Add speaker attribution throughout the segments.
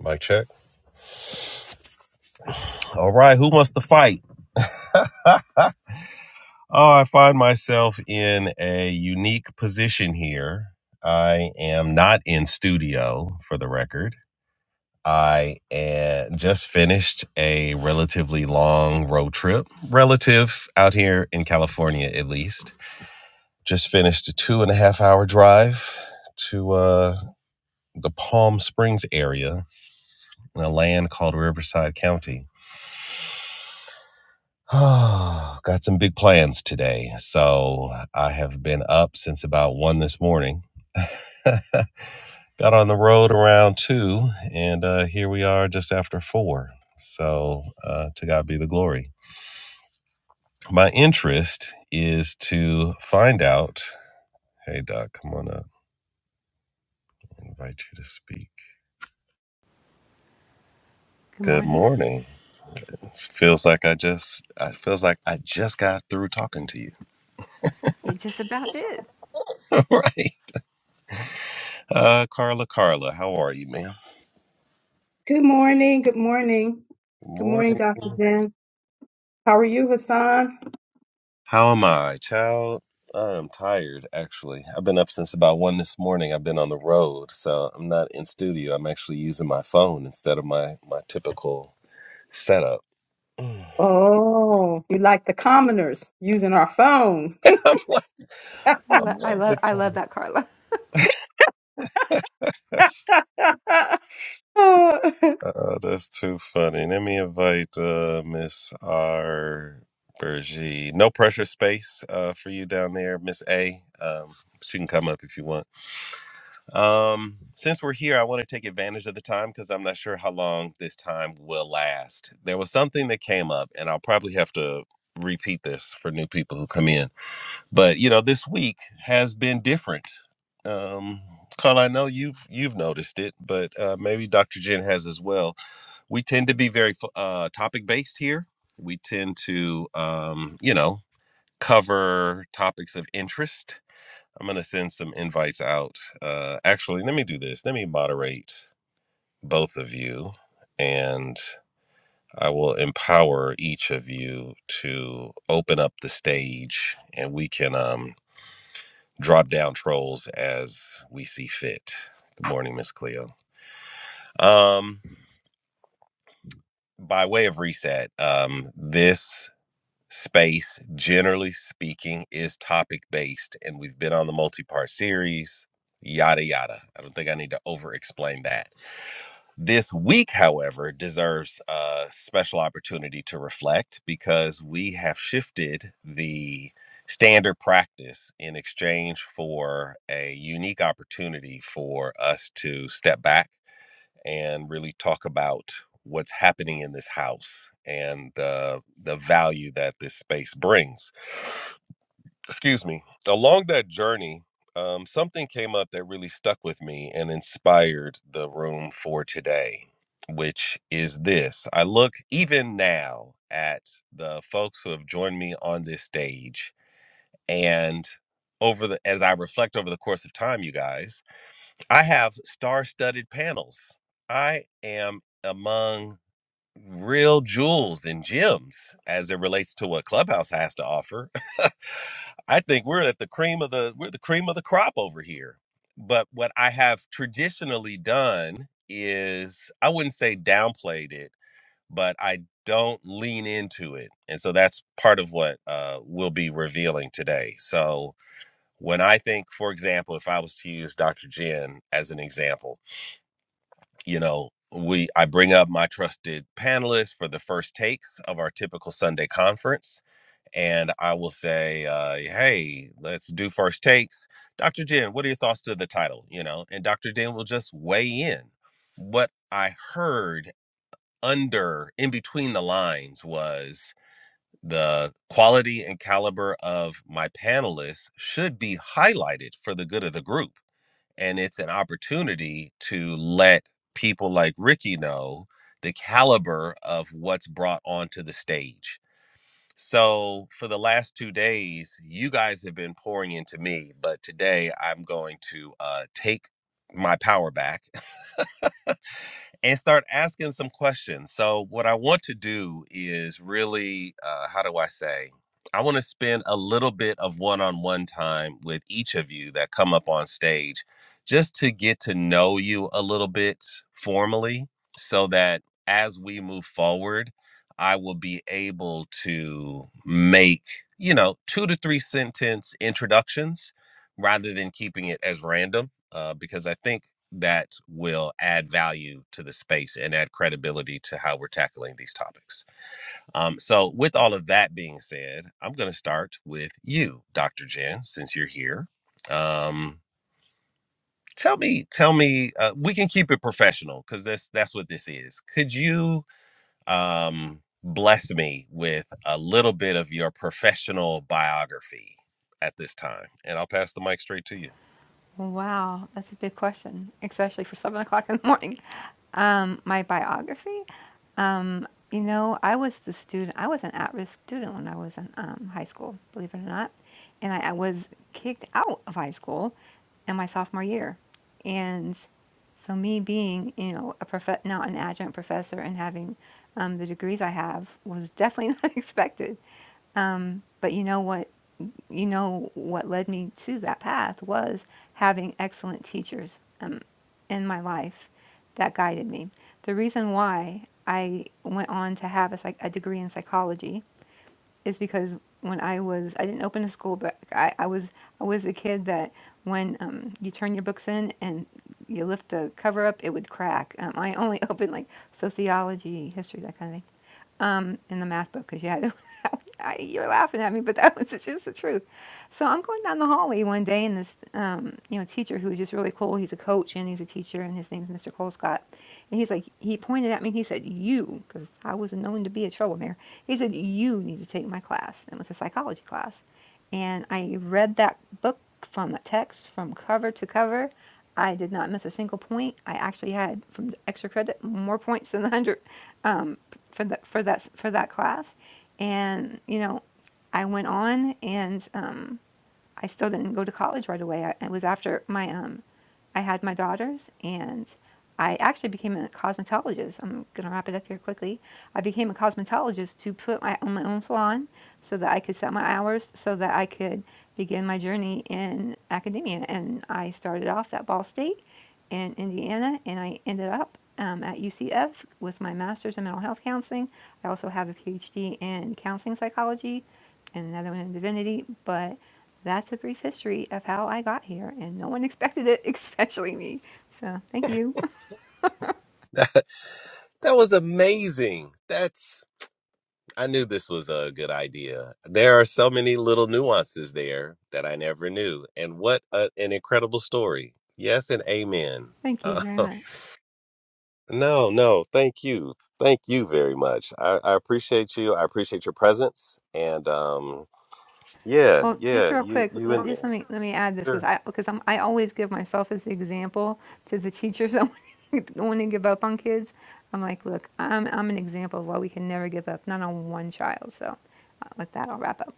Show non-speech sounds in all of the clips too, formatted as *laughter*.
Speaker 1: Mic check. All right, who wants to fight? *laughs* oh, I find myself in a unique position here. I am not in studio, for the record. I uh, just finished a relatively long road trip, relative out here in California, at least. Just finished a two and a half hour drive to uh, the Palm Springs area in a land called Riverside County *sighs* Oh, Got some big plans today. So I have been up since about one this morning. *laughs* Got on the road around two, and uh, here we are just after four. So uh, to God be the glory. My interest is to find out. Hey, Doc, come on up. I invite you to speak.
Speaker 2: Good
Speaker 1: Good
Speaker 2: morning.
Speaker 1: morning. It feels like I just. It feels like I just got through talking to you.
Speaker 2: You just about did.
Speaker 1: *laughs* All right, uh, Carla. Carla, how are you, ma'am?
Speaker 3: Good morning. Good morning.
Speaker 1: Good
Speaker 3: Good morning, Dr.
Speaker 1: morning.
Speaker 3: Jen. How are you, Hassan?
Speaker 1: How am I, child? I am tired, actually. I've been up since about one this morning. I've been on the road, so I'm not in studio. I'm actually using my phone instead of my my typical setup. *sighs* Mm.
Speaker 3: Oh, you like the commoners using our phone. *laughs*
Speaker 1: *laughs* I'm like,
Speaker 2: I, lo-
Speaker 1: I'm
Speaker 2: I
Speaker 1: like the
Speaker 2: love I love
Speaker 1: comic.
Speaker 2: that Carla.
Speaker 3: Oh,
Speaker 1: Oh, that's too funny. Let me invite uh, Miss R. Bergie. No pressure space uh, for you down there, Miss A. Um, she can come up if you want. Um, since we're here, I want to take advantage of the time because I'm not sure how long this time will last. There was something that came up, and I'll probably have to repeat this for new people who come in. But you know, this week has been different. Um, Carl, I know you've you've noticed it, but uh, maybe Dr. Jen has as well. We tend to be very fo- uh, topic based here. We tend to, um, you know, cover topics of interest I'm gonna send some invites out. Uh, actually, let me do this. Let me moderate both of you, and I will empower each of you to open up the stage, and we can um, drop down trolls as we see fit. Good morning, Miss Cleo. Um, by way of reset, um, this space, generally speaking, is topic based, and we've been on the multi part series. Yada yada. I don't think I need to over explain that This week, however, deserves a special opportunity to reflect because we have shifted the standard practice in exchange for a unique opportunity for us to step back and really talk about what's happening in this house and the the value that this space brings excuse me along that journey um, something came up that really stuck with me and inspired the room for today which is this i look even now at the folks who have joined me on this stage and over the as i reflect over the course of time you guys i have star-studded panels i am among real jewels and gems as it relates to what Clubhouse has to offer. *laughs* I think we're at the cream of the we're the cream of the crop over here. But what I have traditionally done is I wouldn't say downplayed it, but I don't lean into it. And so that's part of what uh, we'll be revealing today. So when I think, for example, if I was to use Dr. Jen as an example, you know we i bring up my trusted panelists for the first takes of our typical sunday conference and i will say uh, hey let's do first takes dr jen what are your thoughts to the title you know and dr jen will just weigh in what i heard under in between the lines was the quality and caliber of my panelists should be highlighted for the good of the group and it's an opportunity to let people like Ricky know the caliber of what's brought onto the stage. So for the last two days, you guys have been pouring into me, but today I'm going to uh, take my power back and start asking some questions. So, what I want to do is really, uh, how do I say? I want to spend a little bit of one on one time with each of you that come up on stage just to get to know you a little bit formally so that as we move forward, I will be able to make, you know, two to three sentence introductions rather than keeping it as random. Uh, because I think that will add value to the space and add credibility to how we're tackling these topics. Um, so, with all of that being said, I'm going to start with you, Dr. Jen, since you're here. Um, tell me, tell me, uh, we can keep it professional because that's that's what this is. Could you um, bless me with a little bit of your professional biography at this time? And I'll pass the mic straight to you. *laughs*
Speaker 2: Wow, that's a big question, especially for seven o'clock in the morning. Um, my biography, um, you know, I was the student. I was an at-risk student when I was in um, high school, believe it or not, and I, I was kicked out of high school in my sophomore year, and so me being, you know, a prof- now an adjunct professor and having um, the degrees I have was definitely *laughs* not expected. Um, but you know what? you know what led me to that path was having excellent teachers um, in my life that guided me. The reason why I went on to have a, psych- a degree in psychology is because when I was I didn't open a school book. I, I was I was a kid that when um, you turn your books in and you lift the cover up, it would crack. Um, I only *laughs* opened like sociology, history, that kind of thing, um, in the math book because you had I, you're laughing at me, but *laughs* that was just the truth. So I'm going down the hallway one day, and this, um, you know, teacher who's just really cool. He's a coach and he's a teacher, and his name's Mr. Colescott. And he's like, he pointed at me. and He said, "You," because I was known to be a troublemaker. He said, "You need to take my class." And it was a psychology class, and I read that book from the text from cover to cover. I did not miss a single point. I actually had from the extra credit more points than the hundred um, for that for that for that class and you know i went on and um, i still didn't go to college right away I, it was after my um, i had my daughters and i actually became a cosmetologist i'm going to wrap it up here quickly i became a cosmetologist to put my, on my own salon so that i could set my hours so that i could begin my journey in academia. And I started off at Ball State in Indiana, and I ended up um, at UCF with my master's in mental health counseling. I also have a PhD in counseling psychology and another one in divinity, but that's a brief history of how I got here, and no one expected it, *laughs* especially me. So, thank you. *laughs*
Speaker 1: That, was amazing. That's I knew this was a good idea. There are so many little nuances there that I never knew. And what a, an incredible story. Yes, and amen.
Speaker 2: Thank you
Speaker 1: Uh,
Speaker 2: very
Speaker 1: *laughs*
Speaker 2: much.
Speaker 1: no, no, thank you. Thank you very much. I, I appreciate you. I appreciate your presence. And um, yeah,
Speaker 2: Well, just
Speaker 1: yeah,
Speaker 2: real
Speaker 1: you
Speaker 2: quick,
Speaker 1: you
Speaker 2: let-
Speaker 1: in
Speaker 2: just let
Speaker 1: there.
Speaker 2: me let me add this because
Speaker 1: Sure.
Speaker 2: I because I'm I always give myself as the example to the teachers that *laughs* want to give up on kids. I'm like, look, I'm I'm an example of why we can never give up, not on one child. So, uh, with that, I'll wrap up.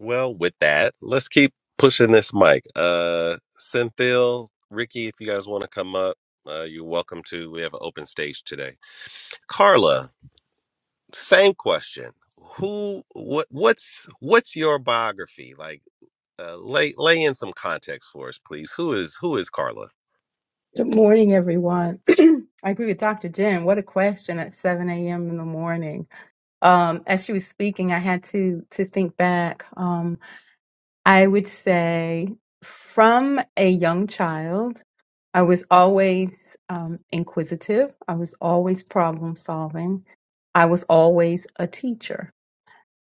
Speaker 1: Well, with that, let's keep pushing this mic. Uh Cynthil, Ricky, if you guys want to come up, uh, you're welcome to. We have an open stage today. Carla, Same question. Who? What? What's What's your biography like? Uh, lay Lay in some context for us, please. Who is Who is Carla?
Speaker 3: Good morning, everyone. *clears throat* I agree with Dr. Jen. What a question at 7 a.m. in the morning. um, as she was speaking, I had to to think back. Um, I would say from a young child, I was always um, inquisitive. I was always problem solving. I was always a teacher.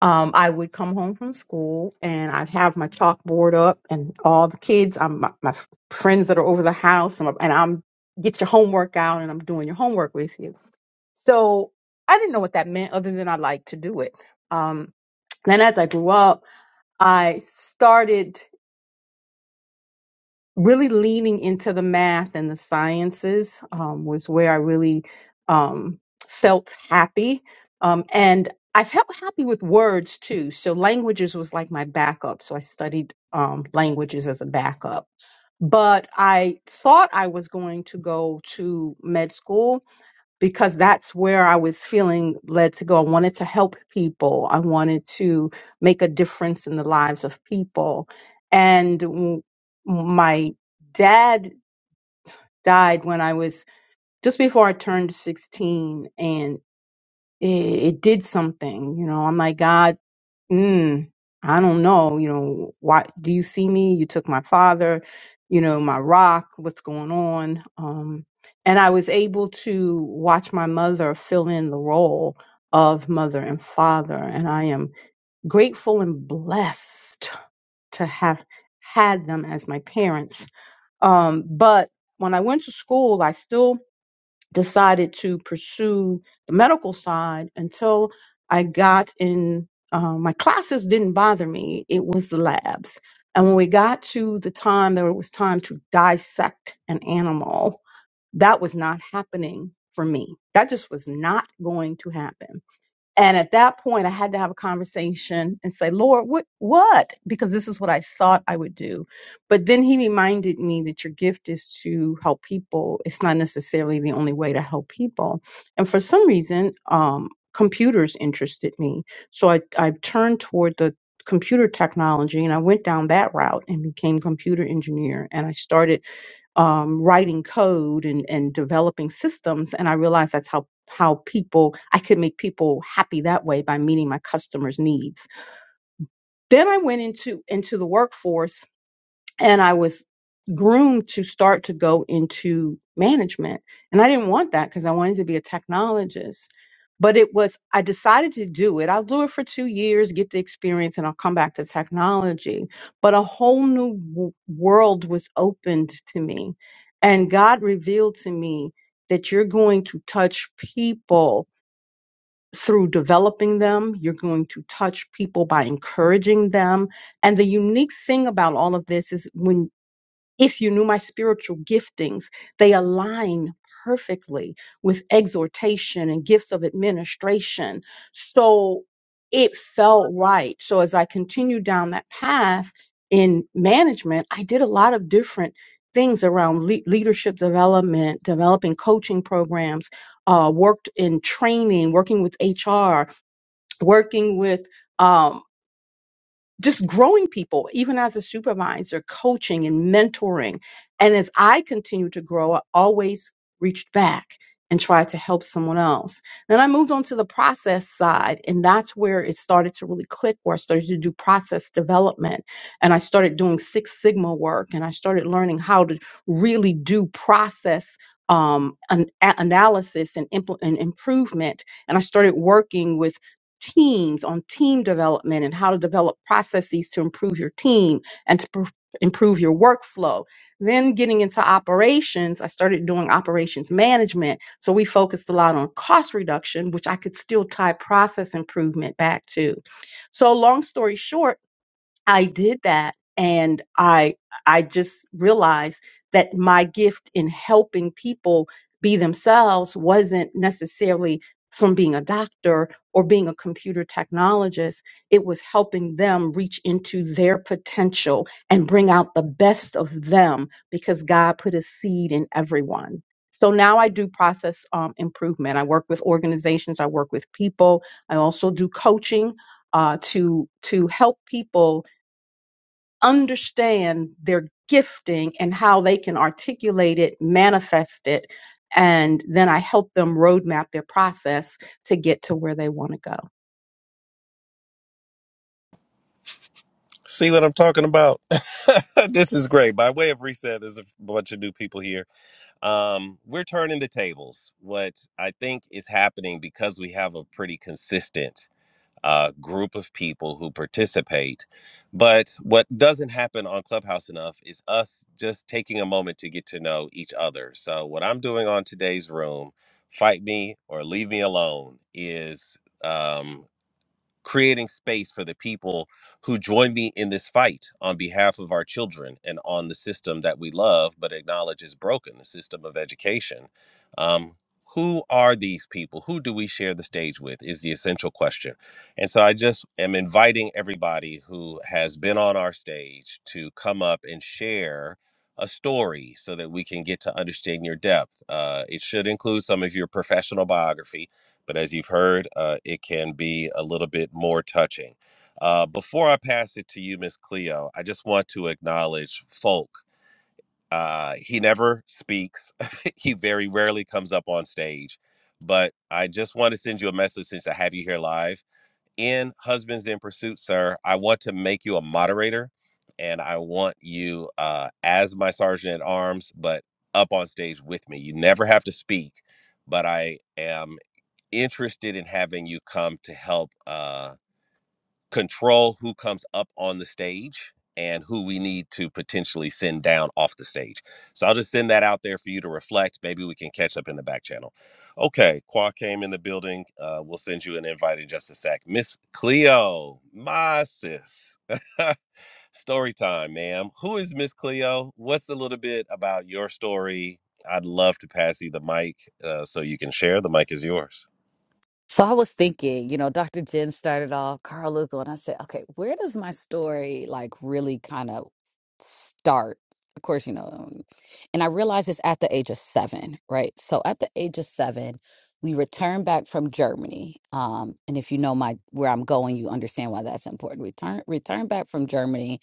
Speaker 3: Um, I would come home from school and I'd have my chalkboard up and all the kids, I'm, my, my friends that are over the house, and, I'm- and I'm get your homework out and I'm doing your homework with you so I didn't know what that meant other than I liked to do it. Um, then as I grew up, I started really leaning into the math and the sciences um, was where I really um, felt happy. Um, and I felt happy with words too. So languages was like my backup. So I studied um, languages as a backup. But I thought I was going to go to med school because that's where I was feeling led to go. I wanted to help people. I wanted to make a difference in the lives of people. And w- my dad died when I was just before I turned 16 and it, it did something, you know. I'm like, God mm, I don't know, you know, why do you see me? You took my father, you know, my rock, what's going on? Um, and I was able to watch my mother fill in the role of mother and father. And I am grateful and blessed to have had them as my parents. Um, but when I went to school, I still decided to pursue the medical side until I got in. Uh, my classes didn't bother me, it was the labs. And when we got to the time that it was time to dissect an animal, that was not happening for me. That just was not going to happen. And at that point, I had to have a conversation and say, Lord, what, what? Because this is what I thought I would do. But then he reminded me that your gift is to help people. It's not necessarily the only way to help people. And for some reason, um, computers interested me. So I, I turned toward the computer technology and I went down that route and became computer engineer. And I started um, writing code and, and developing systems. And I realized that's how how people I could make people happy that way by meeting my customers' needs. Then I went into into the workforce and I was groomed to start to go into management. And I didn't want that because I wanted to be a technologist. But it was, I decided to do it. I'll do it for two years, get the experience, and I'll come back to technology. But a whole new w- world was opened to me. And God revealed to me that you're going to touch people through developing them, you're going to touch people by encouraging them. And the unique thing about all of this is when if you knew my spiritual giftings, they align perfectly with exhortation and gifts of administration. So it felt right. So as I continued down that path in management, I did a lot of different things around le- leadership development, developing coaching programs, uh, worked in training, working with HR, working with um, just growing people, even as a supervisor, coaching and mentoring. And as I continue to grow, I always reached back and tried to help someone else. Then I moved on to the process side, and that's where it started to really click, where I started to do process development. And I started doing Six Sigma work, and I started learning how to really do process. Um, an, a- analysis and, impl- and improvement. And I started working with teams on team development and how to develop processes to improve your team and to pr- improve your workflow. Then getting into operations, I started doing operations management. So we focused a lot on cost reduction, which I could still tie process improvement back to. So, long story short, I did that and I I just realized that my gift in helping people be themselves wasn't necessarily from being a doctor or being a computer technologist it was helping them reach into their potential and bring out the best of them because God put a seed in everyone so now I do process um, improvement. I work with organizations. I work with people. I also do coaching uh, to to help people understand their gifting and how they can articulate it, manifest it, and then I help them roadmap their process to get to where they want to go.
Speaker 1: See what I'm talking about? *laughs* this is great. By way of reset, there's a bunch of new people here. Um, we're turning the tables. What I think is happening because we have a pretty consistent uh, group of people who participate. But what doesn't happen on Clubhouse enough is us just taking a moment to get to know each other. So, what I'm doing on today's room, Fight Me or Leave Me Alone, is. Um, creating space for the people who join me in this fight on behalf of our children and on the system that we love but acknowledge is broken the system of education um, who are these people who do we share the stage with is the essential question and so i just am inviting everybody who has been on our stage to come up and share a story so that we can get to understand your depth uh, it should include some of your professional biography but as you've heard, uh, it can be a little bit more touching. Uh, before I pass it to you, Miss Cleo, I just want to acknowledge Folk. Uh, he never speaks, *laughs* he very rarely comes up on stage, but I just want to send you a message since I have you here live. In Husbands in Pursuit, sir, I want to make you a moderator and I want you uh, as my sergeant at arms, but up on stage with me. You never have to speak, but I am interested in having you come to help uh, control who comes up on the stage and who we need to potentially send down off the stage. So I'll just send that out there for you to reflect. Maybe we can catch up in the back channel. Okay, Qua came in the building. Uh, we'll send you an invite in just a sec. Miss Cleo, my sis. *laughs* story time, ma'am. Who is Miss Cleo? What's a little bit about your story? I'd love to pass you the mic uh, so you can share. The mic is yours.
Speaker 4: So I was thinking, you know, Dr. Jen started off Carl Lugo, and I said, okay, where does my story like really kind of start? Of course, you know, um, and I realized it's at the age of seven, right? So at the age of seven, we returned back from Germany, um, and if you know my where I'm going, you understand why that's important. We turn returned back from Germany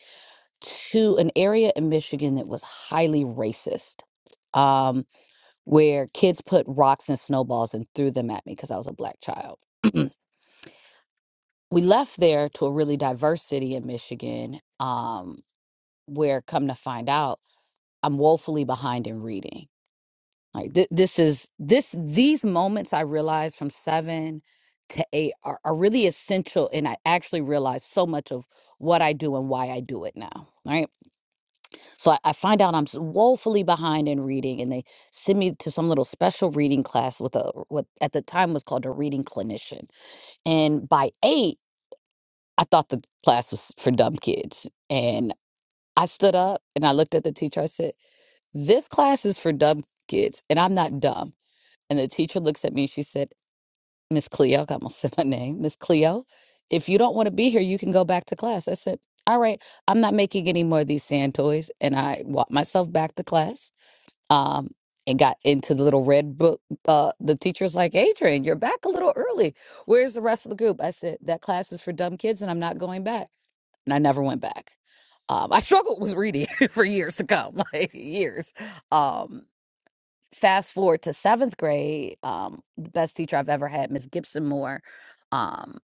Speaker 4: to an area in Michigan that was highly racist. Um, where kids put rocks and snowballs and threw them at me because I was a black child. *clears throat* we left there to a really diverse city in Michigan, um, where come to find out, I'm woefully behind in reading. Like th- this is this these moments I realized from seven to eight are, are really essential, and I actually realized so much of what I do and why I do it now. Right, so I, I find out I'm s- woefully behind in reading, and they send me to some little special reading class with a what at the time was called a reading clinician. And by eight, I thought the class was for dumb kids. And I stood up and I looked at the teacher. I said, This class is for dumb kids, and I'm not dumb. And the teacher looks at me and she said, Miss Cleo, *laughs* I'm gonna say my name, Miss Cleo, if you don't want to be here, you can go back to class. I said, All right, I'm not making any more of these sand toys. And I walked myself back to class. Um, and got into the little red book. Uh, the teacher's like, Adrian, you're back a little early. Where's the rest of the group? I said, That class is for dumb kids and I'm not going back and I never went back. Um, I *laughs* struggled with reading *laughs* for years to come, *laughs* like years. Um, fast forward to seventh grade, um, the best teacher I've ever had, Miss Gibson Moore. um,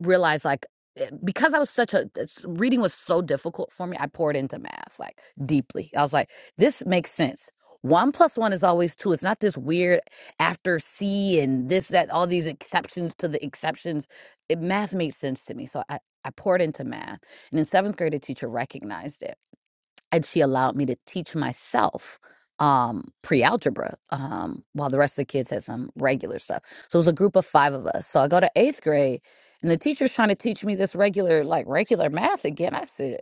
Speaker 4: realized like eh, because I was such a it's- reading was so difficult for me, I poured into math like deeply. I was like, this makes sense. One plus one is always two. It's not this weird after C and this, that, all these exceptions to the exceptions. It, math made sense to me. So I, I poured into math. And in seventh grade, a teacher recognized it and she allowed me to teach myself um pre-algebra um while the rest of the kids had some regular stuff so it was a group of five of us so i go to eighth grade and the teacher's trying to teach me this regular like regular math again i said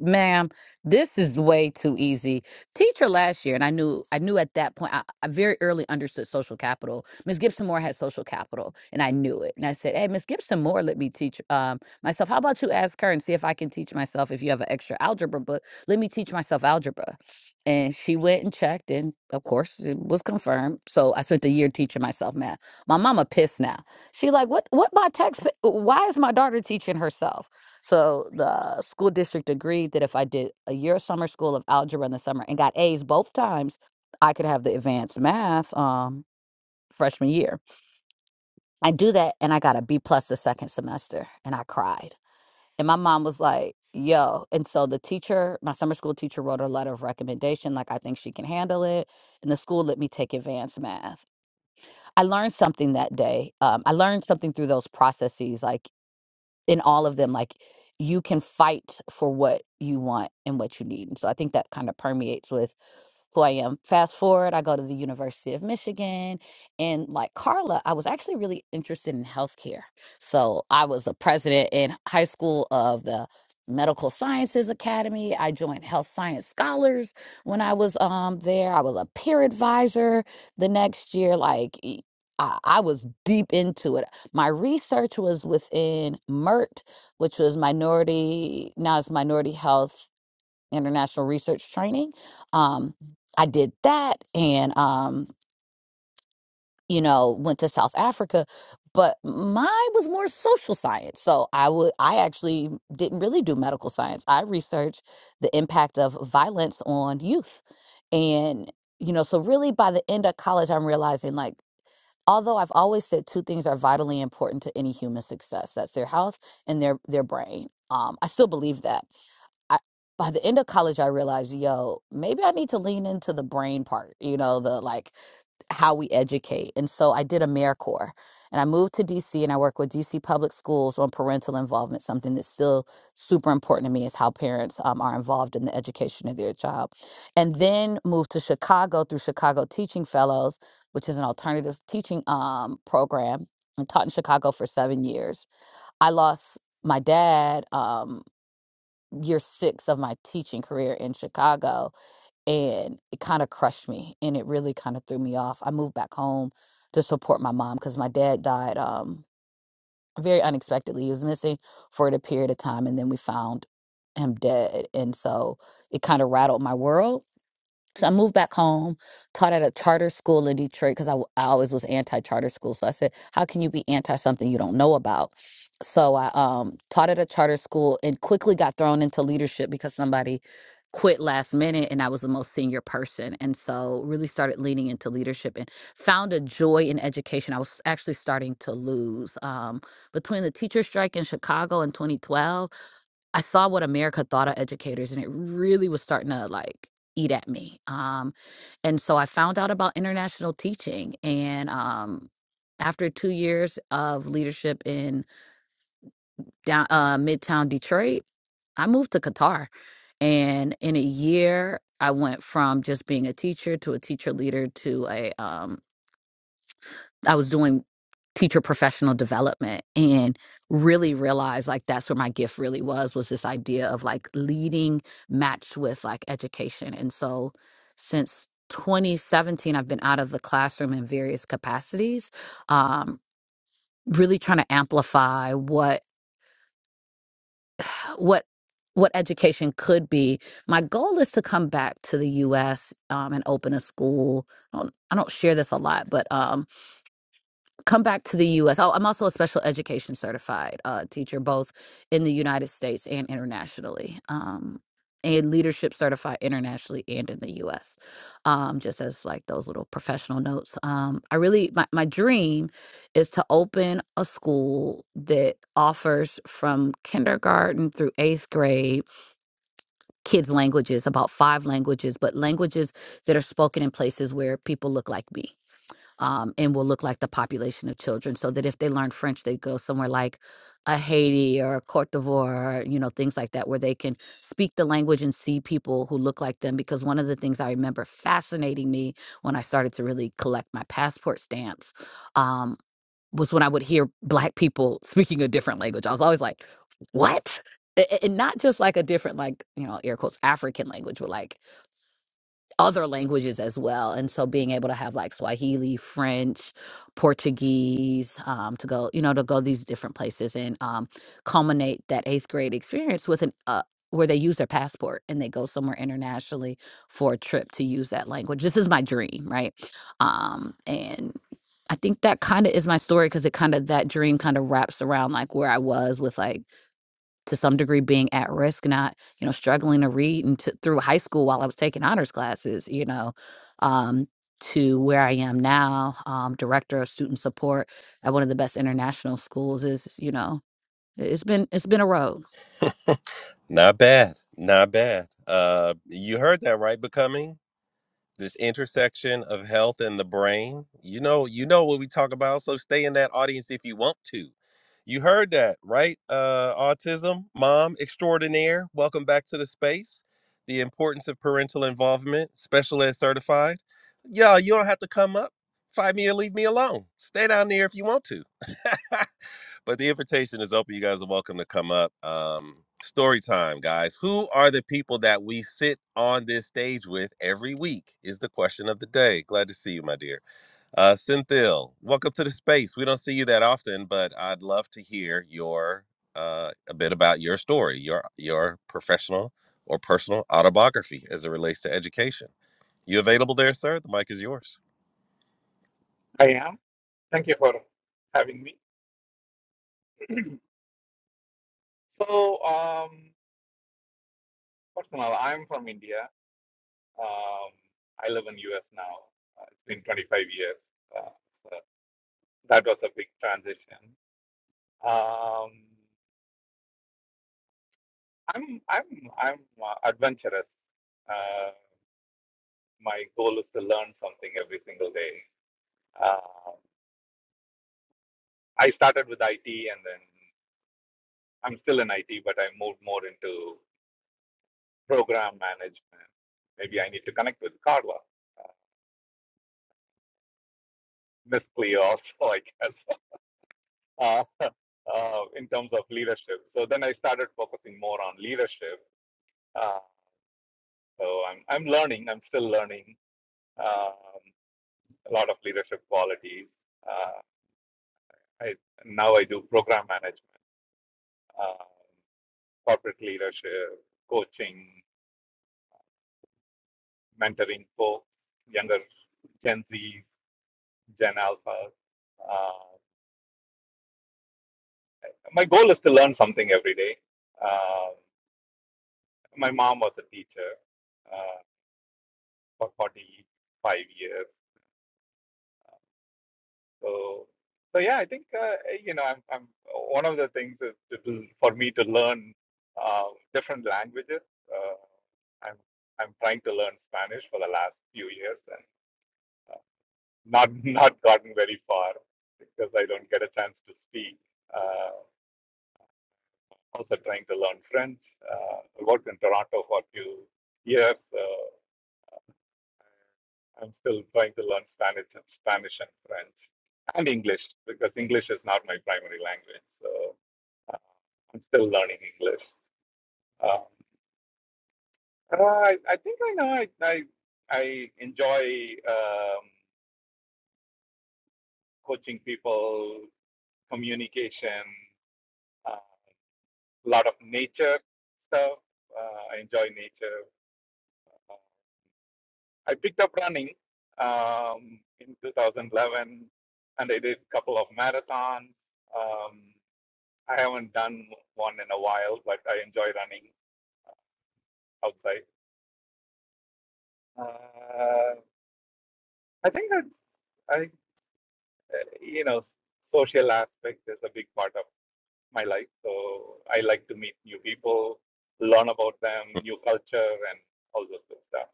Speaker 4: ma'am, this is way too easy. Teacher last year, and I knew I knew at that point, I, I very early understood social capital. Miss Gibson Moore had social capital, and I knew it. And I said, Hey, Miss Gibson Moore, let me teach um, myself. How about you ask her and see if I can teach myself? If you have an extra algebra book, let me teach myself algebra. And she went and checked, and of course, it was confirmed. So I spent a year teaching myself math. My mama pissed now. She like, what? What my text? Why is my daughter teaching herself? So the school district agreed that if I did a year of summer school of algebra in the summer and got A's both times, I could have the advanced math um, freshman year. I do that and I got a B plus the second semester and I cried. And my mom was like, yo. And so the teacher, my summer school teacher, wrote a letter of recommendation, like, I think she can handle it. And the school let me take advanced math. I learned something that day. Um, I learned something through those processes, like in all of them like you can fight for what you want and what you need and so i think that kind of permeates with who I am. Fast forward, I go to the University of Michigan. And like Carla, I was actually really interested in healthcare. So I was the president in high school of the Medical Sciences Academy. I joined Health Science Scholars when I was um there. I was a peer advisor the next year. Like e- I, I was deep into it. My research was within MERT, which was minority, now it's minority health international research training. Um, I did that and, um, you know, went to South Africa, but mine was more social science. So I would, I actually didn't really do medical science. I researched the impact of violence on youth. And, you know, so really by the end of college, I'm realizing like, although I've always said two things are vitally important to any human success, that's their health and their, their brain. Um, I still believe that I, by the end of college, I realized, yo, maybe I need to lean into the brain part, you know, the like how we educate. And so I did AmeriCorps and I moved to DC and I work with DC public schools on parental involvement. Something that's still super important to me is how parents um, are involved in the education of their child. And then moved to Chicago through Chicago Teaching Fellows, which is an alternative teaching um, program. I taught in Chicago for seven years. I lost my dad. um, year six of my teaching career in Chicago, and it kind of crushed me, and it really kind of threw me off. I moved back home to support my mom because my dad died um, very unexpectedly. He was missing for a period of time, and then we found him dead, and so it kind of rattled my world so I moved back home, taught at a charter school in Detroit because I, w- I always was anti charter school. So I said, how can you be anti something you don't know about? So I um, taught at a charter school and quickly got thrown into leadership because somebody quit last minute and I was the most senior person. And so really started leaning into leadership and found a joy in education. I was actually starting to lose um, between the teacher strike in Chicago in 2012 I saw what America thought of educators, and it really was starting to like eat at me. Um, and so I found out about international teaching, and um, after two years of leadership in down uh, Midtown Detroit, I moved to Qatar, and in a year, I went from just being a teacher to a teacher leader to a um, I was doing teacher professional development and really realized like that's where my gift really was was this idea of like leading matched with like education. And so since 2017 I've been out of the classroom in various capacities um really trying to amplify what what what education could be. My goal is to come back to the US um and open a school. I don't, I don't share this a lot, but um come back to the U.S. Oh, I'm also a special education certified uh, teacher, both in the United States and internationally, um, and leadership certified internationally and in the U.S. Um, just as like those little professional notes. Um, I really my my dream is to open a school that offers from kindergarten through eighth grade kids languages, about five languages, but languages that are spoken in places where people look like me um, and will look like the population of children so that if they learn French, they go somewhere like a Haiti or Cote d'Ivoire, you know, things like that, where they can speak the language and see people who look like them. Because one of the things I remember fascinating me when I started to really collect my passport stamps um, was when I would hear Black people speaking a different language. I was always like, what? A- a- And not just like a different, like, you know, air quotes, African language, but like other languages as well. And so being able to have like Swahili, French, Portuguese, um, to go, you know, to go these different places and um, culminate that eighth grade experience with an, uh, where they use their passport and they go somewhere internationally for a trip to use that language. This is my dream, right? Um, and I think that kind of is my story because it kind of, that dream kind of wraps around like where I was with like, to some degree being at risk not you know struggling to read and to, through high school while i was taking honors classes you know um, to where i am now um, director of student support at one of the best international schools is you know it- it's been it's been a road
Speaker 1: Not bad. Not bad. Uh, you heard that right, becoming this intersection of health and the brain. You know, you know what we talk about. So stay in that audience if you want to. You heard that right, uh, autism mom extraordinaire. Welcome back to the space. The importance of parental involvement, special ed certified. Y'all, you don't have to come up. Find me or leave me alone. Stay down there if you want to. *laughs* but the invitation is open. You guys are welcome to come up. Um, story time, guys. Who are the people that we sit on this stage with every week? Is the question of the day. Glad to see you, my dear. Uh, Cynthia, welcome to the space. We don't see you that often, but I'd love to hear your uh, a bit about your story, your your professional or personal autobiography as it relates to education. You available there, sir? The mic is yours.
Speaker 5: I am. Thank you for having me. *clears throat* so, um, personal, I'm from India. Um, I live in US now. Uh, it's been 25 years. Uh, so that was a big transition. Um, I'm I'm I'm uh, adventurous. Uh, my goal is to learn something every single day. Uh, I started with IT, and then I'm still in IT, but I moved more into program management. Maybe I need to connect with Carla miss also, *laughs* I guess, uh, uh, in terms of leadership. So then I started focusing more on leadership. Uh, so I'm, I'm learning, I'm still learning um, a lot of leadership qualities. Uh, I, now I do program management, uh, corporate leadership, coaching, mentoring folks, younger Gen Z, Gen Alpha. Uh, my goal is to learn something every day. Uh, my mom was a teacher. Uh, for 45 years. So, so yeah, I think uh, you know, I'm, I'm one of the things is to, do- for me to learn uh, different languages. Uh, I'm I'm trying to learn Spanish for the last few years and uh, not *laughs* not gotten very far because I don't get a chance to speak. Uh, also trying to learn French. Uh, I worked in Toronto for a few years. Uh, I'm still trying to learn Spanish, Spanish and French, and English because English is not my primary language. So uh, I'm still learning English. Um, uh, I, I think I know. I I, I enjoy um, coaching people, communication, uh, a lot of nature stuff. Uh, I enjoy nature. Uh, I picked up running um, in 2011, and I did a couple of marathons. Um, I haven't done one in a while, but I enjoy running outside. Uh, I think that's, I, you know, social aspect is a big part of my life. So I like to meet new people, learn about them, new culture, and all those good stuff.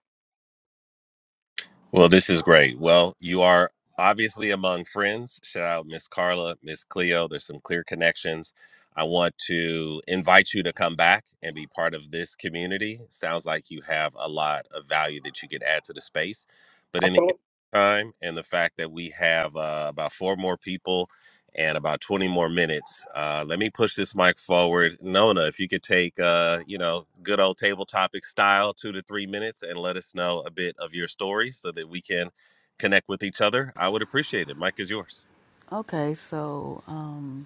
Speaker 1: Well, this is great. Well, you are obviously among friends. Shout out Miss Carla, Miss Cleo. There's some clear connections. I want to invite you to come back and be part of this community. Sounds like you have a lot of value that you could add to the space. But in the
Speaker 5: Absolutely.
Speaker 1: time and the fact that we have uh, about four more people and about 20 more minutes. Uh, let me push this mic forward. Nona, if you could take, uh, you know, good old table topic style, two to three minutes, and let us know a bit of your story so that we can connect with each other, I would appreciate it. Mike is yours.
Speaker 6: Okay, so um,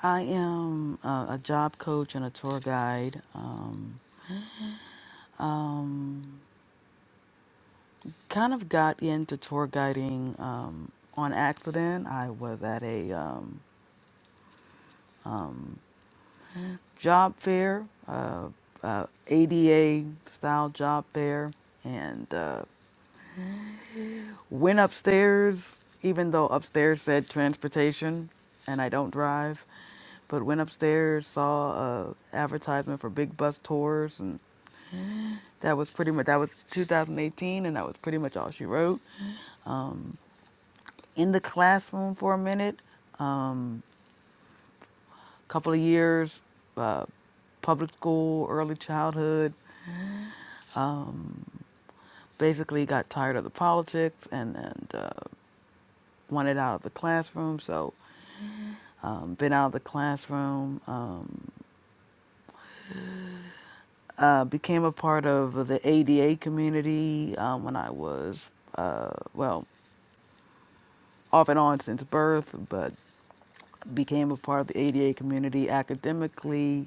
Speaker 6: I am a, a job coach and a tour guide. Um, um, kind of got into tour guiding um, on accident. I was at a um, job fair, uh, uh, ADA style job fair, and uh, went upstairs, even though upstairs said transportation and I don't drive. But went upstairs, saw a advertisement for big bus tours, and That was pretty much that was 2018, and that was pretty much all she wrote. In the classroom for a minute, a um, couple of years, uh, public school, early childhood. Basically, got tired of the politics and and uh, wanted out of the classroom. So, um, been out of the classroom. Um, uh, became a part of the ADA community um, when I was uh, well off and on since birth, but became a part of the ADA community academically,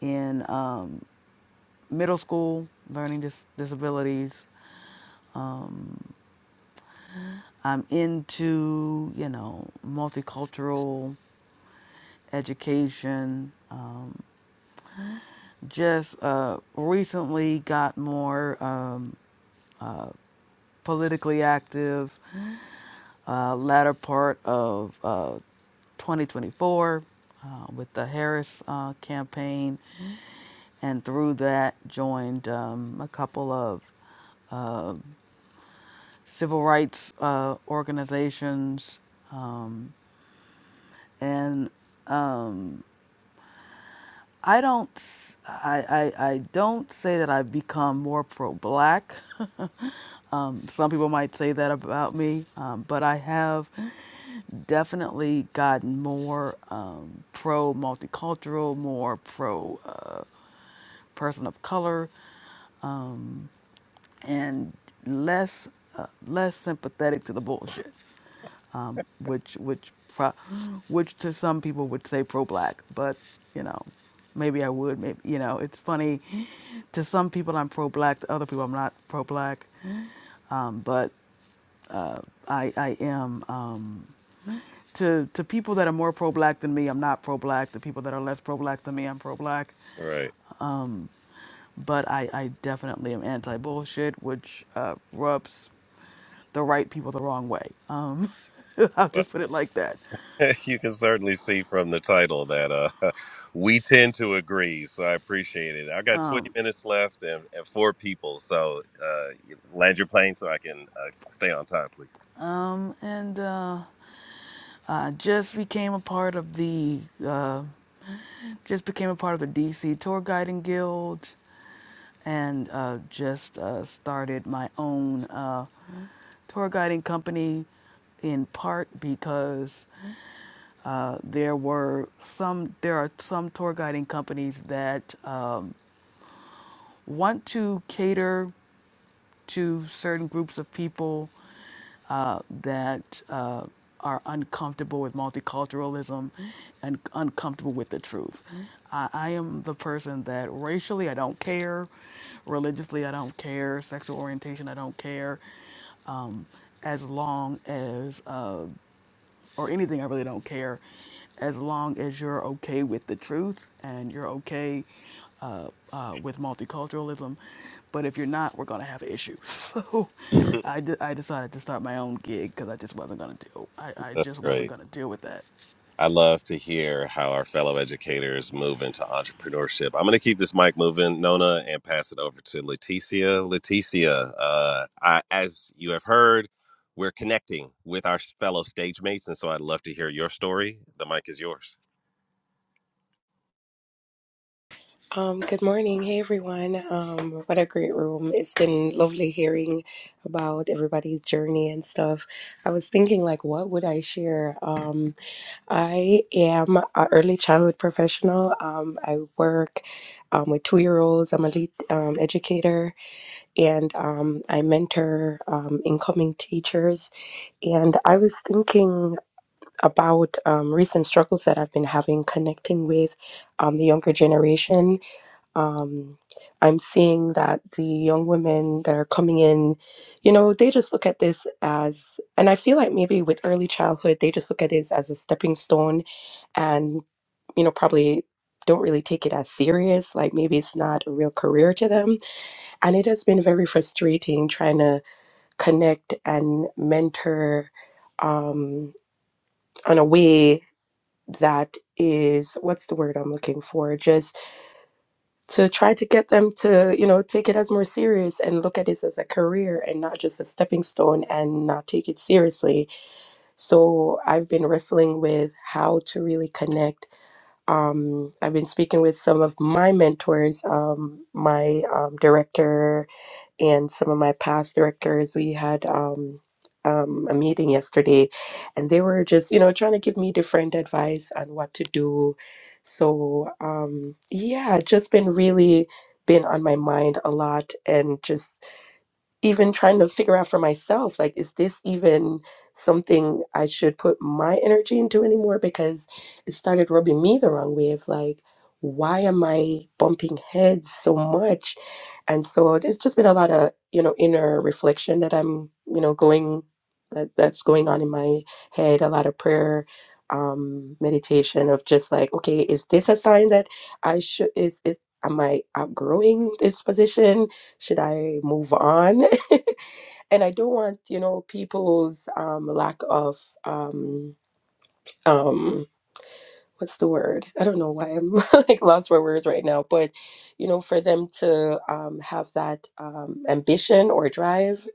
Speaker 6: in um, middle school, learning dis- disabilities. I'm into, you know, multicultural education. Um, just uh, recently got more um, politically active, uh, latter part of uh, 2024 uh, with the Harris uh, campaign. And through that, joined um, a couple of uh, civil rights uh, organizations, and I don't, s- i i I, I don't say that I've become more pro-black. *laughs* um, some people might say that about me, um, but I have definitely gotten more um, pro-multicultural, more pro uh, person of color, and less uh, less sympathetic to the bullshit. which which pro, which to some people would say pro-black, but you know, maybe I would. Maybe you know, it's funny. To some people, I'm pro-black. To other people, I'm not pro-black. Um, but I I am. Um, to, to people that are more pro-black than me, I'm not pro-black. To people that are less pro-black than me, I'm pro-black.
Speaker 1: All right.
Speaker 6: But I, I definitely am anti-bullshit, which uh, rubs the right people the wrong way. Um, *laughs* I'll
Speaker 1: Well,
Speaker 6: just put it like that.
Speaker 1: *laughs* you can certainly see from the title that uh, *laughs* we tend to agree. So I appreciate it. I got 20 minutes left and, and four people. So uh, land your plane so I can uh, stay on time, please.
Speaker 6: Um, and uh, Uh, just became a part of the uh, just became a part of the DC Tour Guiding Guild, and uh, just uh, started my own uh, tour guiding company. In part because uh, there were some there are some tour guiding companies that um, want to cater to certain groups of people uh, that uh, are uncomfortable with multiculturalism and uncomfortable with the truth. I, I am the person that racially I don't care, religiously I don't care, sexual orientation I don't care, um, as long as uh, or anything, I really don't care, as long as you're okay with the truth and you're okay uh, uh, with multiculturalism. But if you're not, we're gonna have an issue. *laughs* So
Speaker 1: *laughs*
Speaker 6: I, de- I decided to start my own gig because I just wasn't gonna deal. I, I
Speaker 1: That's
Speaker 6: just
Speaker 1: great.
Speaker 6: wasn't gonna deal with that.
Speaker 1: I love to hear how our fellow educators move into entrepreneurship. I'm going to keep this mic moving, Nona, and pass it over to Leticia. Leticia, uh, I, as you have heard, we're connecting with our fellow stage mates, and so I'd love to hear your story. The mic is yours.
Speaker 7: Um, good morning. Hey, everyone. Um, what a great room. It's been lovely hearing about everybody's journey and stuff. I was thinking, like, what would I share? Um, I am an early childhood professional. Um, I work um, with two year olds. I'm a lead um, educator and um, I mentor um, incoming teachers. And I was thinking about um, recent struggles that I've been having connecting with um, the younger generation um, I'm seeing that the young women that are coming in, you know, they just look at this as, and I feel like maybe with early childhood, they just look at this as a stepping stone and, you know, probably don't really take it as serious. Like maybe it's not a real career to them. And it has been very frustrating trying to connect and mentor um, on a way that is, what's the word I'm looking for? just to try to get them to you know take it as more serious and look at this as a career and not just a stepping stone and not take it seriously so i've been wrestling with how to really connect um, i've been speaking with some of my mentors um, my um, director and some of my past directors we had um, um, a meeting yesterday and they were just you know trying to give me different advice on what to do so um, yeah just been really been on my mind a lot and just even trying to figure out for myself like is this even something i should put my energy into anymore because it started rubbing me the wrong way of like why am i bumping heads so much and so there's just been a lot of you know inner reflection that i'm you know going that, that's going on in my head a lot of prayer um meditation of just like okay is this a sign that i should is is am i outgrowing this position should I move on? *laughs* and I don't want you know people's um, lack of um, um, what's the word? I don't know why I'm *laughs* like lost for words right now, but you know, for them to um, have that um, ambition or drive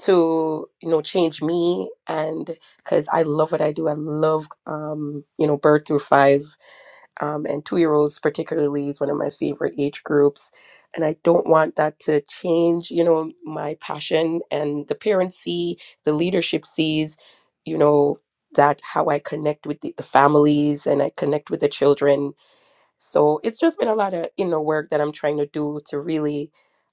Speaker 7: to you know change me and because I love what I do, I love um, you know birth through five um, and two year olds particularly is one of my favorite age groups and i don't want that to change you know my passion and the parents see the leadership sees you know that how i connect with the, the families and i connect with the children so it's just been a lot of you know work that I'm trying to do to really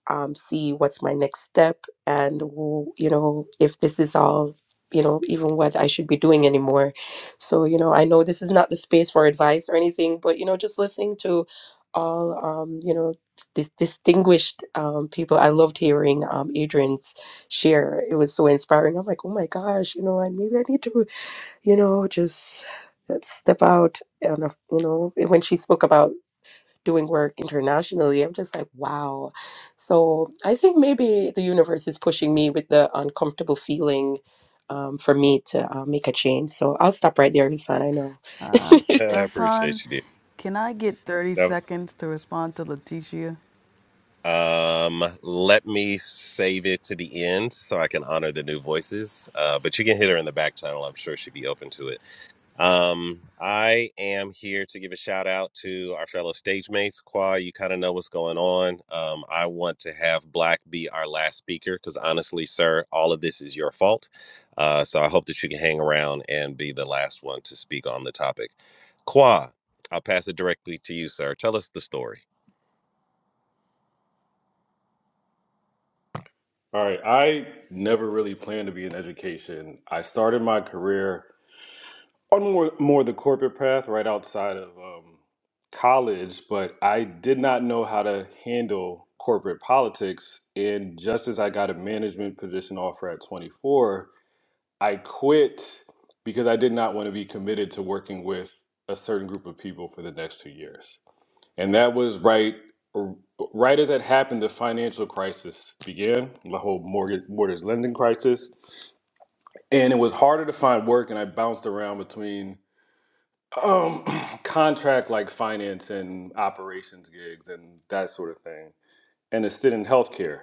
Speaker 7: um, see what's my next step and who- you know if this is all you know even what I should be doing anymore. So you know I know this is not the space for advice or anything, but you know just listening to all um, you know dis- distinguished um, people, I loved hearing um, Adrian's share. It was so inspiring. I'm like, oh my gosh, you know, and maybe I need to you know just uh, step out and uh, you know when she spoke about doing work internationally. I'm just like, wow. So I think maybe the universe is pushing me with the uncomfortable feeling um, for me to uh, make a change. So I'll stop right there, Hassan. I know.
Speaker 6: Uh,
Speaker 7: *laughs*
Speaker 1: *laughs* I
Speaker 6: Hassan,
Speaker 1: appreciate you, dear.
Speaker 6: can I get 30
Speaker 1: That-
Speaker 6: seconds to respond to Leticia?
Speaker 1: Um, let me save it to the end so I can honor the new voices. Uh, but you can hit her in the back channel. I'm sure she'd be open to it. Um, I am here to give a shout out to our fellow stage mates. Qua, you kind of know what's going on. Um, I want to have Black be our last speaker because honestly, sir, all of this is your fault. Uh, so I hope that you can hang around and be the last one to speak on the topic. Qua, I'll pass it directly to you, sir. Tell us the story.
Speaker 8: All right, I never really planned to be in education. I started my career on more more the corporate path right outside of um, college, but I did not know how to handle corporate politics. And just as I got a management position offer at 24, I quit because I did not want to be committed to working with a certain group of people for the next two years. And that was right right as it happened, the financial crisis began, the whole mortgage, mortgage lending crisis. And it was harder to find work, and I bounced around between um, *clears throat* contract like finance and operations gigs and that sort of thing, and a stint in healthcare.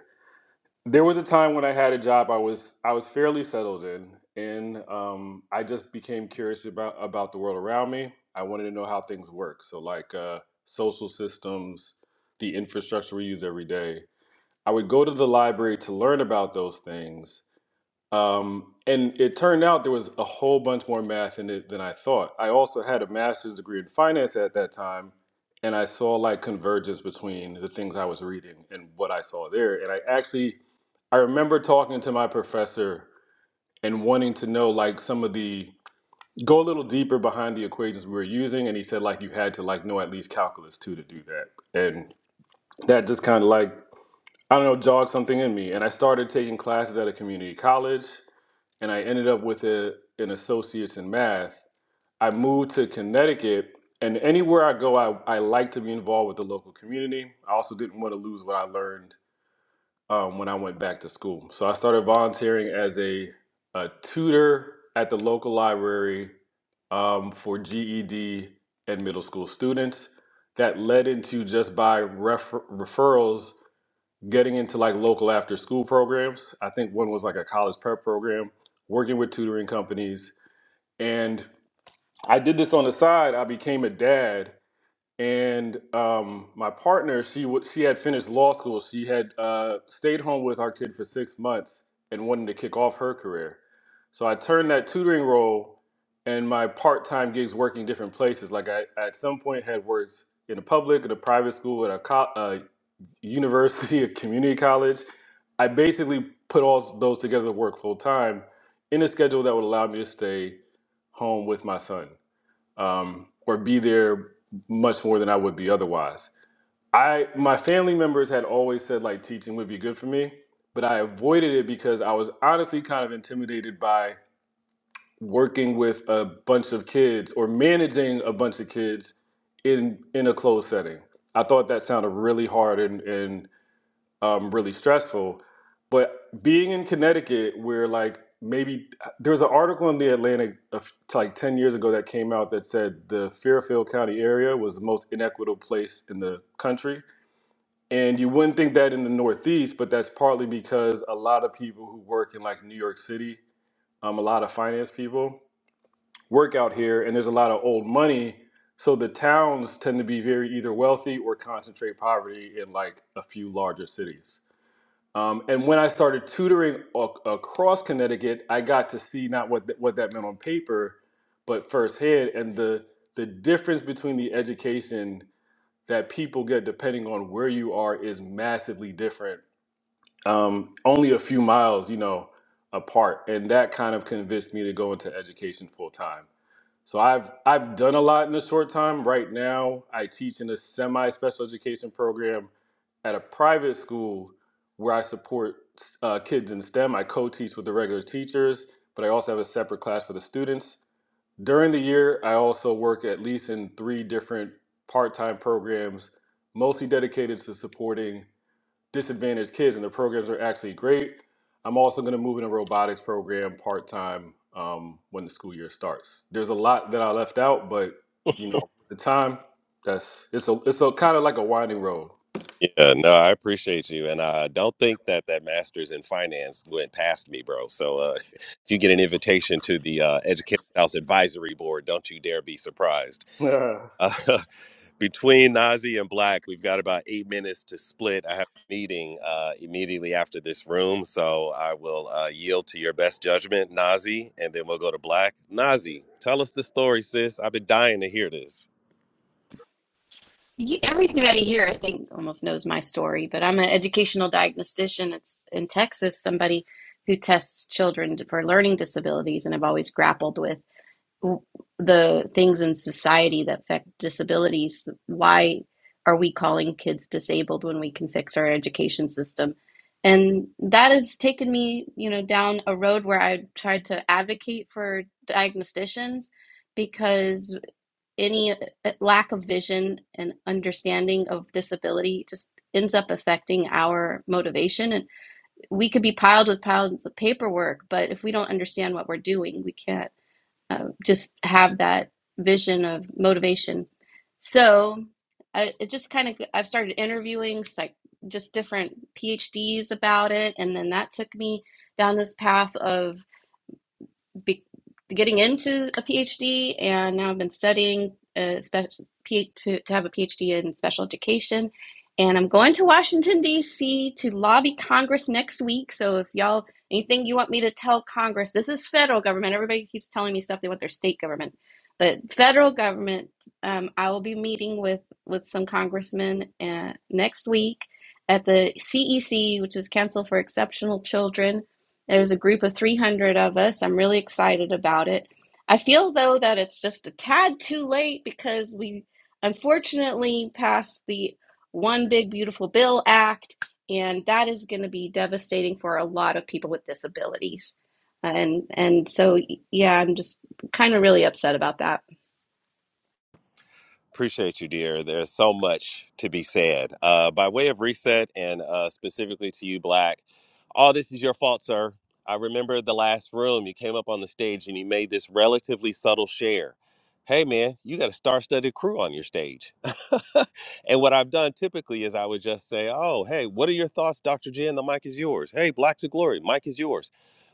Speaker 8: There was a time when I had a job I was I was fairly settled in, and um, I just became curious about about the world around me. I wanted to know how things work, so like uh, social systems, the infrastructure we use every day. I would go to the library to learn about those things, um, and it turned out there was a whole bunch more math in it than I thought. I also had a master's degree in finance at that time, and I saw like convergence between the things I was reading and what I saw there. And I actually, I remember talking to my professor and wanting to know like some of the go a little deeper behind the equations we were using, and he said like you had to like know at least calculus two to do that, and that just kind of like I don't know jogged something in me, and I started taking classes at a community college and I ended up with a, an associate's in math. I moved to Connecticut, and anywhere I go, I, I like to be involved with the local community. I also didn't want to lose what I learned um, when I went back to school. So I started volunteering as a, a tutor at the local library um, for GED and middle school students. That led into just by refer- referrals getting into like local after school programs. I think one was like a college prep program working with tutoring companies and I did this on the side. I became a dad, and um, my partner, she wa she had finished law school. She had uh, stayed home with our kid for six months and wanted to kick off her career. So I turned that tutoring role and my part time gigs working different places. Like I at some point had worked in a public, in a private school, at a college university, *laughs* a community college. I basically put all those together to work full time in a schedule that would allow me to stay home with my son um, or be there much more than I would be otherwise. I my family members had always said like teaching would be good for me, but I avoided it because I was honestly kind of intimidated by working with a bunch of kids or managing a bunch of kids in in a closed setting. I thought that sounded really hard and and um, really stressful. But being in Connecticut, where like maybe uh, there was an article in the Atlantic of, like 10 years ago that came out that said the Fairfield County area was the most inequitable place in the country. And you wouldn't think that in the Northeast, but that's partly because a lot of people who work in like New York City, um, a lot of finance people work out here, and there's a lot of old money. So the towns tend to be very either wealthy or concentrate poverty in like a few larger cities. Um, and when I started tutoring a- across Connecticut, I got to see not what th- what that meant on paper, but firsthand, and the the difference between the education that people get depending on where you are is massively different um, only a few miles, you know, apart, and that kind of convinced me to go into education full time. So I've I've done a lot in a short time. Right now, I teach in a semi special education program at a private school where I support uh, kids in STEM. I co-teach with the regular teachers, but I also have a separate class for the students. During the year, I also work at least in three different part-time programs, mostly dedicated to supporting disadvantaged kids, and the programs are actually great. I'm also going to move in a robotics program part time um, when the school year starts. There's a lot that I left out, but you know, at the time that's it's a it's a kind of like a winding road.
Speaker 1: Yeah, no, I appreciate you, and I don't think that that master's in finance went past me, bro. So uh, *laughs* if you get an invitation to the uh, Educated House Advisory Board, don't you dare be surprised.
Speaker 8: *laughs*
Speaker 1: Uh, *laughs* between Nazi and Black, we've got about eight minutes to split. I have a meeting uh, immediately after this room, so I will uh, yield to your best judgment, Nazi, and then we'll go to Black. Nazi, tell us the story, sis. I've been dying to hear this.
Speaker 9: You, everybody here, I think, almost knows my story, but I'm an educational diagnostician. It's in Texas, somebody who tests children for learning disabilities, and I've always grappled with the things in society that affect disabilities. Why are we calling kids disabled when we can fix our education system? And that has taken me, you know, down a road where I tried to advocate for diagnosticians because any uh, lack of vision and understanding of disability just ends up affecting our motivation and we could be piled with piles of paperwork but if we don't understand what we're doing we can't uh, just have that vision of motivation so I, it just kind of i've started interviewing like just different phds about it and then that took me down this path of be getting into a PhD, and now I've been studying uh, spe- P- to, to have a PhD in special education. And I'm going to Washington, D.C. to lobby Congress next week. So if y'all, anything you want me to tell Congress, this is federal government. Everybody keeps telling me stuff they want their state government. But federal government, um, I will be meeting with, with some congressmen uh, next week at the CEC, which is Council for Exceptional Children there's a group of 300 of us. I'm really excited about it. I feel though that it's just a tad too late because we unfortunately passed the One Big Beautiful Bill Act, and that is going to be devastating for a lot of people with disabilities. And and so yeah, I'm just kind of really upset about that.
Speaker 1: Appreciate you, dear. There's so much to be said. Uh, by way of reset, and uh, specifically to you, Black, all this is your fault, sir. I remember the last room you came up on the stage and you made this relatively subtle share. Hey, man, you got a star studded crew on your stage. *laughs* and what I've done typically is I would just say, oh, hey, what are your thoughts, Dr. Jen? The mic is yours. Hey, Black to Glory, mic is yours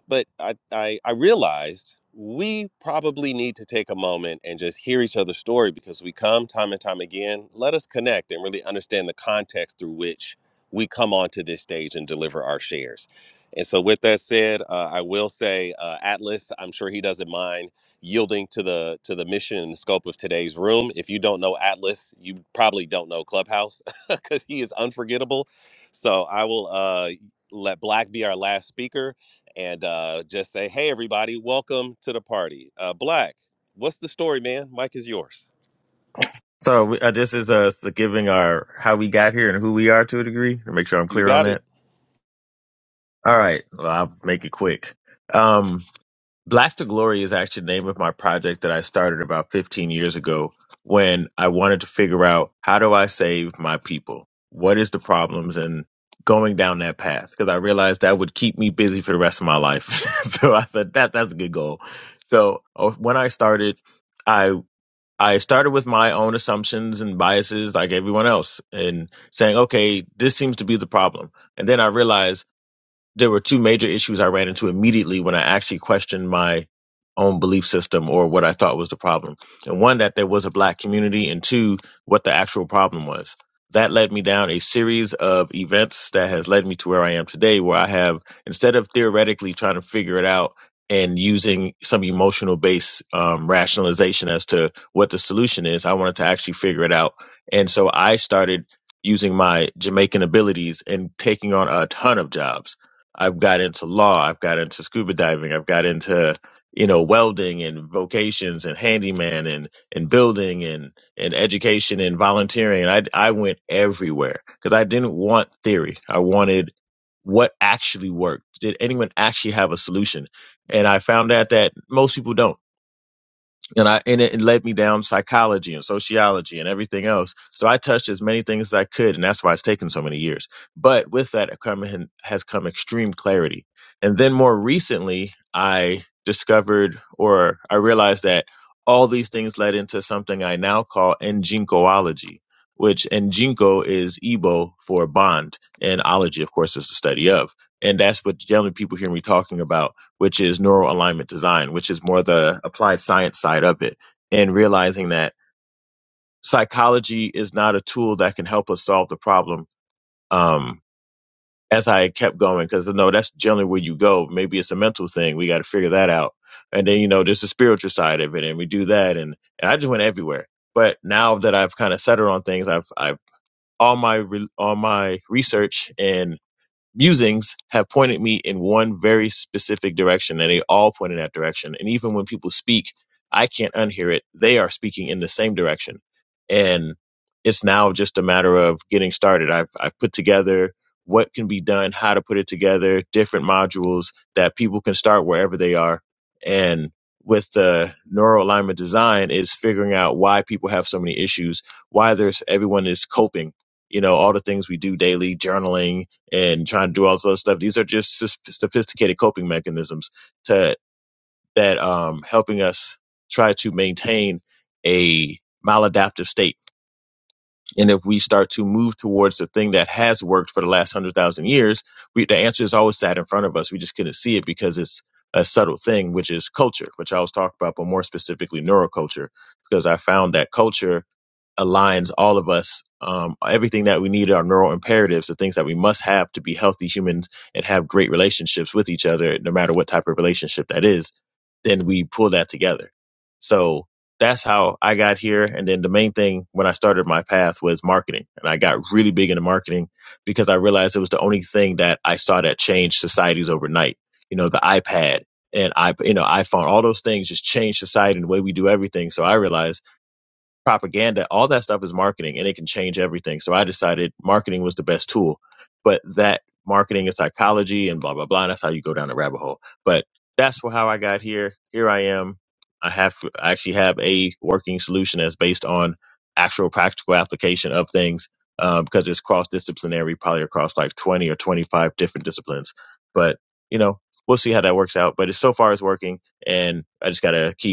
Speaker 1: but I, I i realized we probably need to take a moment and just hear each other's story because we come time and time again let us connect and really understand the context through which we come onto this stage and deliver our shares and so with that said uh, i will say uh, atlas i'm sure he doesn't mind yielding to the to the mission and the scope of today's room if you don't know atlas you probably don't know clubhouse *laughs* because he is unforgettable so i will uh, let black be our last speaker and uh, just say, hey, everybody, welcome to the party. Uh, Black, what's the story, man? Mike is yours.
Speaker 10: So we- uh, this is us giving our how we got here and who we are to a degree. To make sure I'm
Speaker 1: You
Speaker 10: clear on
Speaker 1: got it.
Speaker 10: that. All right, well, I'll make it quick. Um, Black to Glory is actually the name of my project that I started about 15 years ago when I wanted to figure out how do I save my people? What is the problems and going down that path? Because I realized that would keep me busy for the rest of my life. *laughs* so I said that that's a good goal. So uh, when I started. I I started with my own assumptions and biases, like everyone else, and saying, okay, this seems to be the problem. And then I realized there were two major issues I ran into immediately when I actually questioned my own belief system or what I thought was the problem. And one, that there was a black community, and two, what the actual problem was. That led me down a series of events that has led me to where I am today, where I have, instead of theoretically trying to figure it out and using some emotional based um, rationalization as to what the solution is, I wanted to actually figure it out. And so I started using my Jamaican abilities and taking on a ton of jobs I've got into law, I've got into scuba diving, I've got into you know welding and vocations and handyman and and building and and education and volunteering. And I I went everywhere because I didn't want theory. I wanted what actually worked. Did anyone actually have a solution? And I found out that most people don't and I and it led me down psychology and sociology and everything else. So I touched as many things as I could, and that's why it's taken so many years. But with that come, has come extreme clarity. And then more recently, I discovered or I realized that all these things led into something I now call Njinkoology, which Njinko is Igbo for bond, and ology, of course, is the study of. And that's what generally people hear me talking about which is neural alignment design, which is more the applied science side of it, and realizing that psychology is not a tool that can help us solve the problem. Um, as I kept going, because you know that's generally where you go. Maybe it's a mental thing. We got to figure that out. And then, you know, there's the spiritual side of it, and we do that. And, and I just went everywhere. But now that I've kind of settled on things, I've, I've, all my, re- all my research and musings have pointed me in one very specific direction and they all point in that direction and even when people speak i can't unhear it they are speaking in the same direction and it's now just a matter of getting started i've, I've put together what can be done how to put it together different modules that people can start wherever they are and with the neural alignment design is figuring out why people have so many issues why there's everyone is coping you know all the things we do daily journaling and trying to do all this other stuff. These are just sus- sophisticated coping mechanisms to that um, helping us try to maintain a maladaptive state. And if we start to move towards the thing that has worked for the last hundred thousand years, we, the answer is always sat in front of us. We just couldn't see it because it's a subtle thing, which is culture, which I was talking about, but more specifically neuroculture, because I found that culture aligns all of us. Um, everything that we need, our neural imperatives, the things that we must have to be healthy humans and have great relationships with each other, no matter what type of relationship that is, then we pull that together. So that's how I got here. And then the main thing when I started my path was marketing. And I got really big into marketing because I realized it was the only thing that I saw that changed societies overnight. You know, the iPad and I, you know, iPhone, all those things just changed society and the way we do everything. So I realized propaganda, all that stuff is marketing and it can change everything. So I decided marketing was the best tool. But that marketing is psychology and blah, blah, blah. And that's how you go down the rabbit hole. But that's wh- how I got here. Here I am. I have, I actually have a working solution that's based on actual practical application of things uh, because it's cross disciplinary, probably across like 20 or 25 different disciplines. But, you know, we'll see how that works out. But it's so far it's working and I just got to keep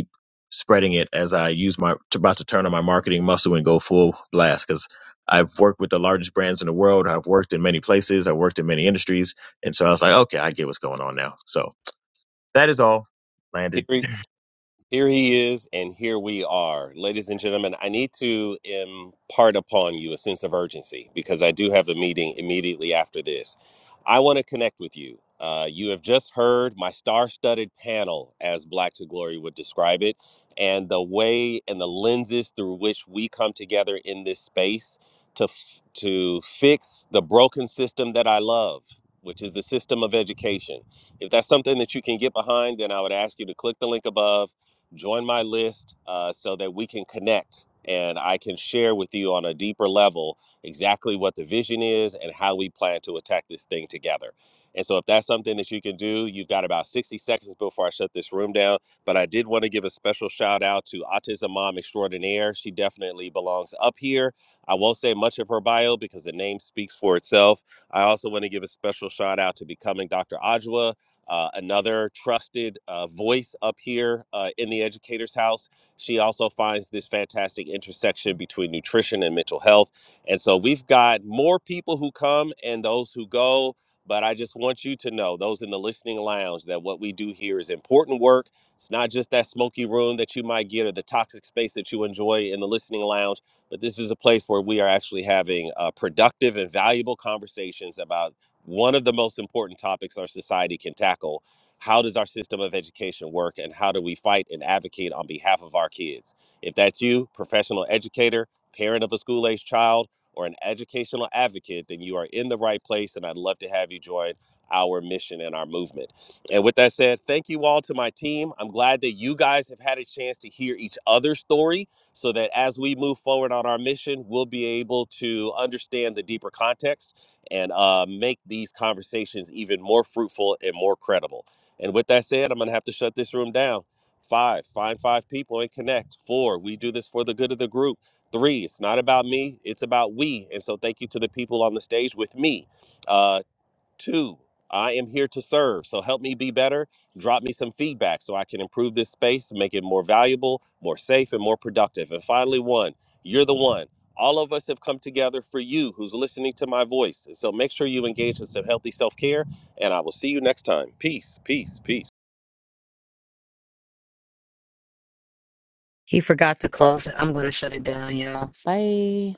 Speaker 10: spreading it as I use my t- about to turn on my marketing muscle and go full blast because I've worked with the largest brands in the world. I've worked in many places. I've worked in many industries, and so I was like, okay, I get what's going on now. So that is all landed.
Speaker 1: Here we Here he is, and here we are. Ladies and gentlemen, I need to impart upon you a sense of urgency because I do have a meeting immediately after this. I want to connect with you. Uh, you have just heard my star studded panel, as Black to Glory would describe it, and the way and the lenses through which we come together in this space to, f- to fix the broken system that I love, which is the system of education. If that's something that you can get behind, then I would ask you to click the link above join my list uh, so that we can connect and I can share with you on a deeper level exactly what the vision is and how we plan to attack this thing together. And so, if that's something that you can do, you've got about 60 seconds before I shut this room down. But I did want to give a special shout out to Autism Mom Extraordinaire. She definitely belongs up here. I won't say much of her bio because the name speaks for itself. I also want to give a special shout out to Becoming Dr. Ajwa uh, another trusted uh, voice up here uh, in the educator's house. She also finds this fantastic intersection between nutrition and mental health. And so we've got more people who come and those who go. But I just want you to know, those in the listening lounge, that what we do here is important work. It's not just that smoky room that you might get or the toxic space that you enjoy in the listening lounge, but this is a place where we are actually having uh, productive and valuable conversations about one of the most important topics our society can tackle. How does our system of education work, and how do we fight and advocate on behalf of our kids? If that's you, professional educator, parent of a school aged child, or an educational advocate, then you are in the right place, and I'd love to have you join our mission and our movement. And with that said, thank you all to my team. I'm glad that you guys have had a chance to hear each other's story so that as we move forward on our mission, we'll be able to understand the deeper context and uh, make these conversations even more fruitful and more credible. And with that said, I'm going to have to shut this room down. Five, find five people and connect. Four, we do this for the good of the group. Three, it's not about me, it's about we. And so thank you to the people on the stage with me. Uh, Two, I am here to serve. So help me be better. Drop me some feedback so I can improve this space, make it more valuable, more safe, and more productive. And finally, one, you're the one. All of us have come together for you who's listening to my voice. And so make sure you engage in some healthy self care. And I will see you next time. Peace, peace, peace.
Speaker 4: He forgot to close it. I'm going to shut it down, y'all. Bye.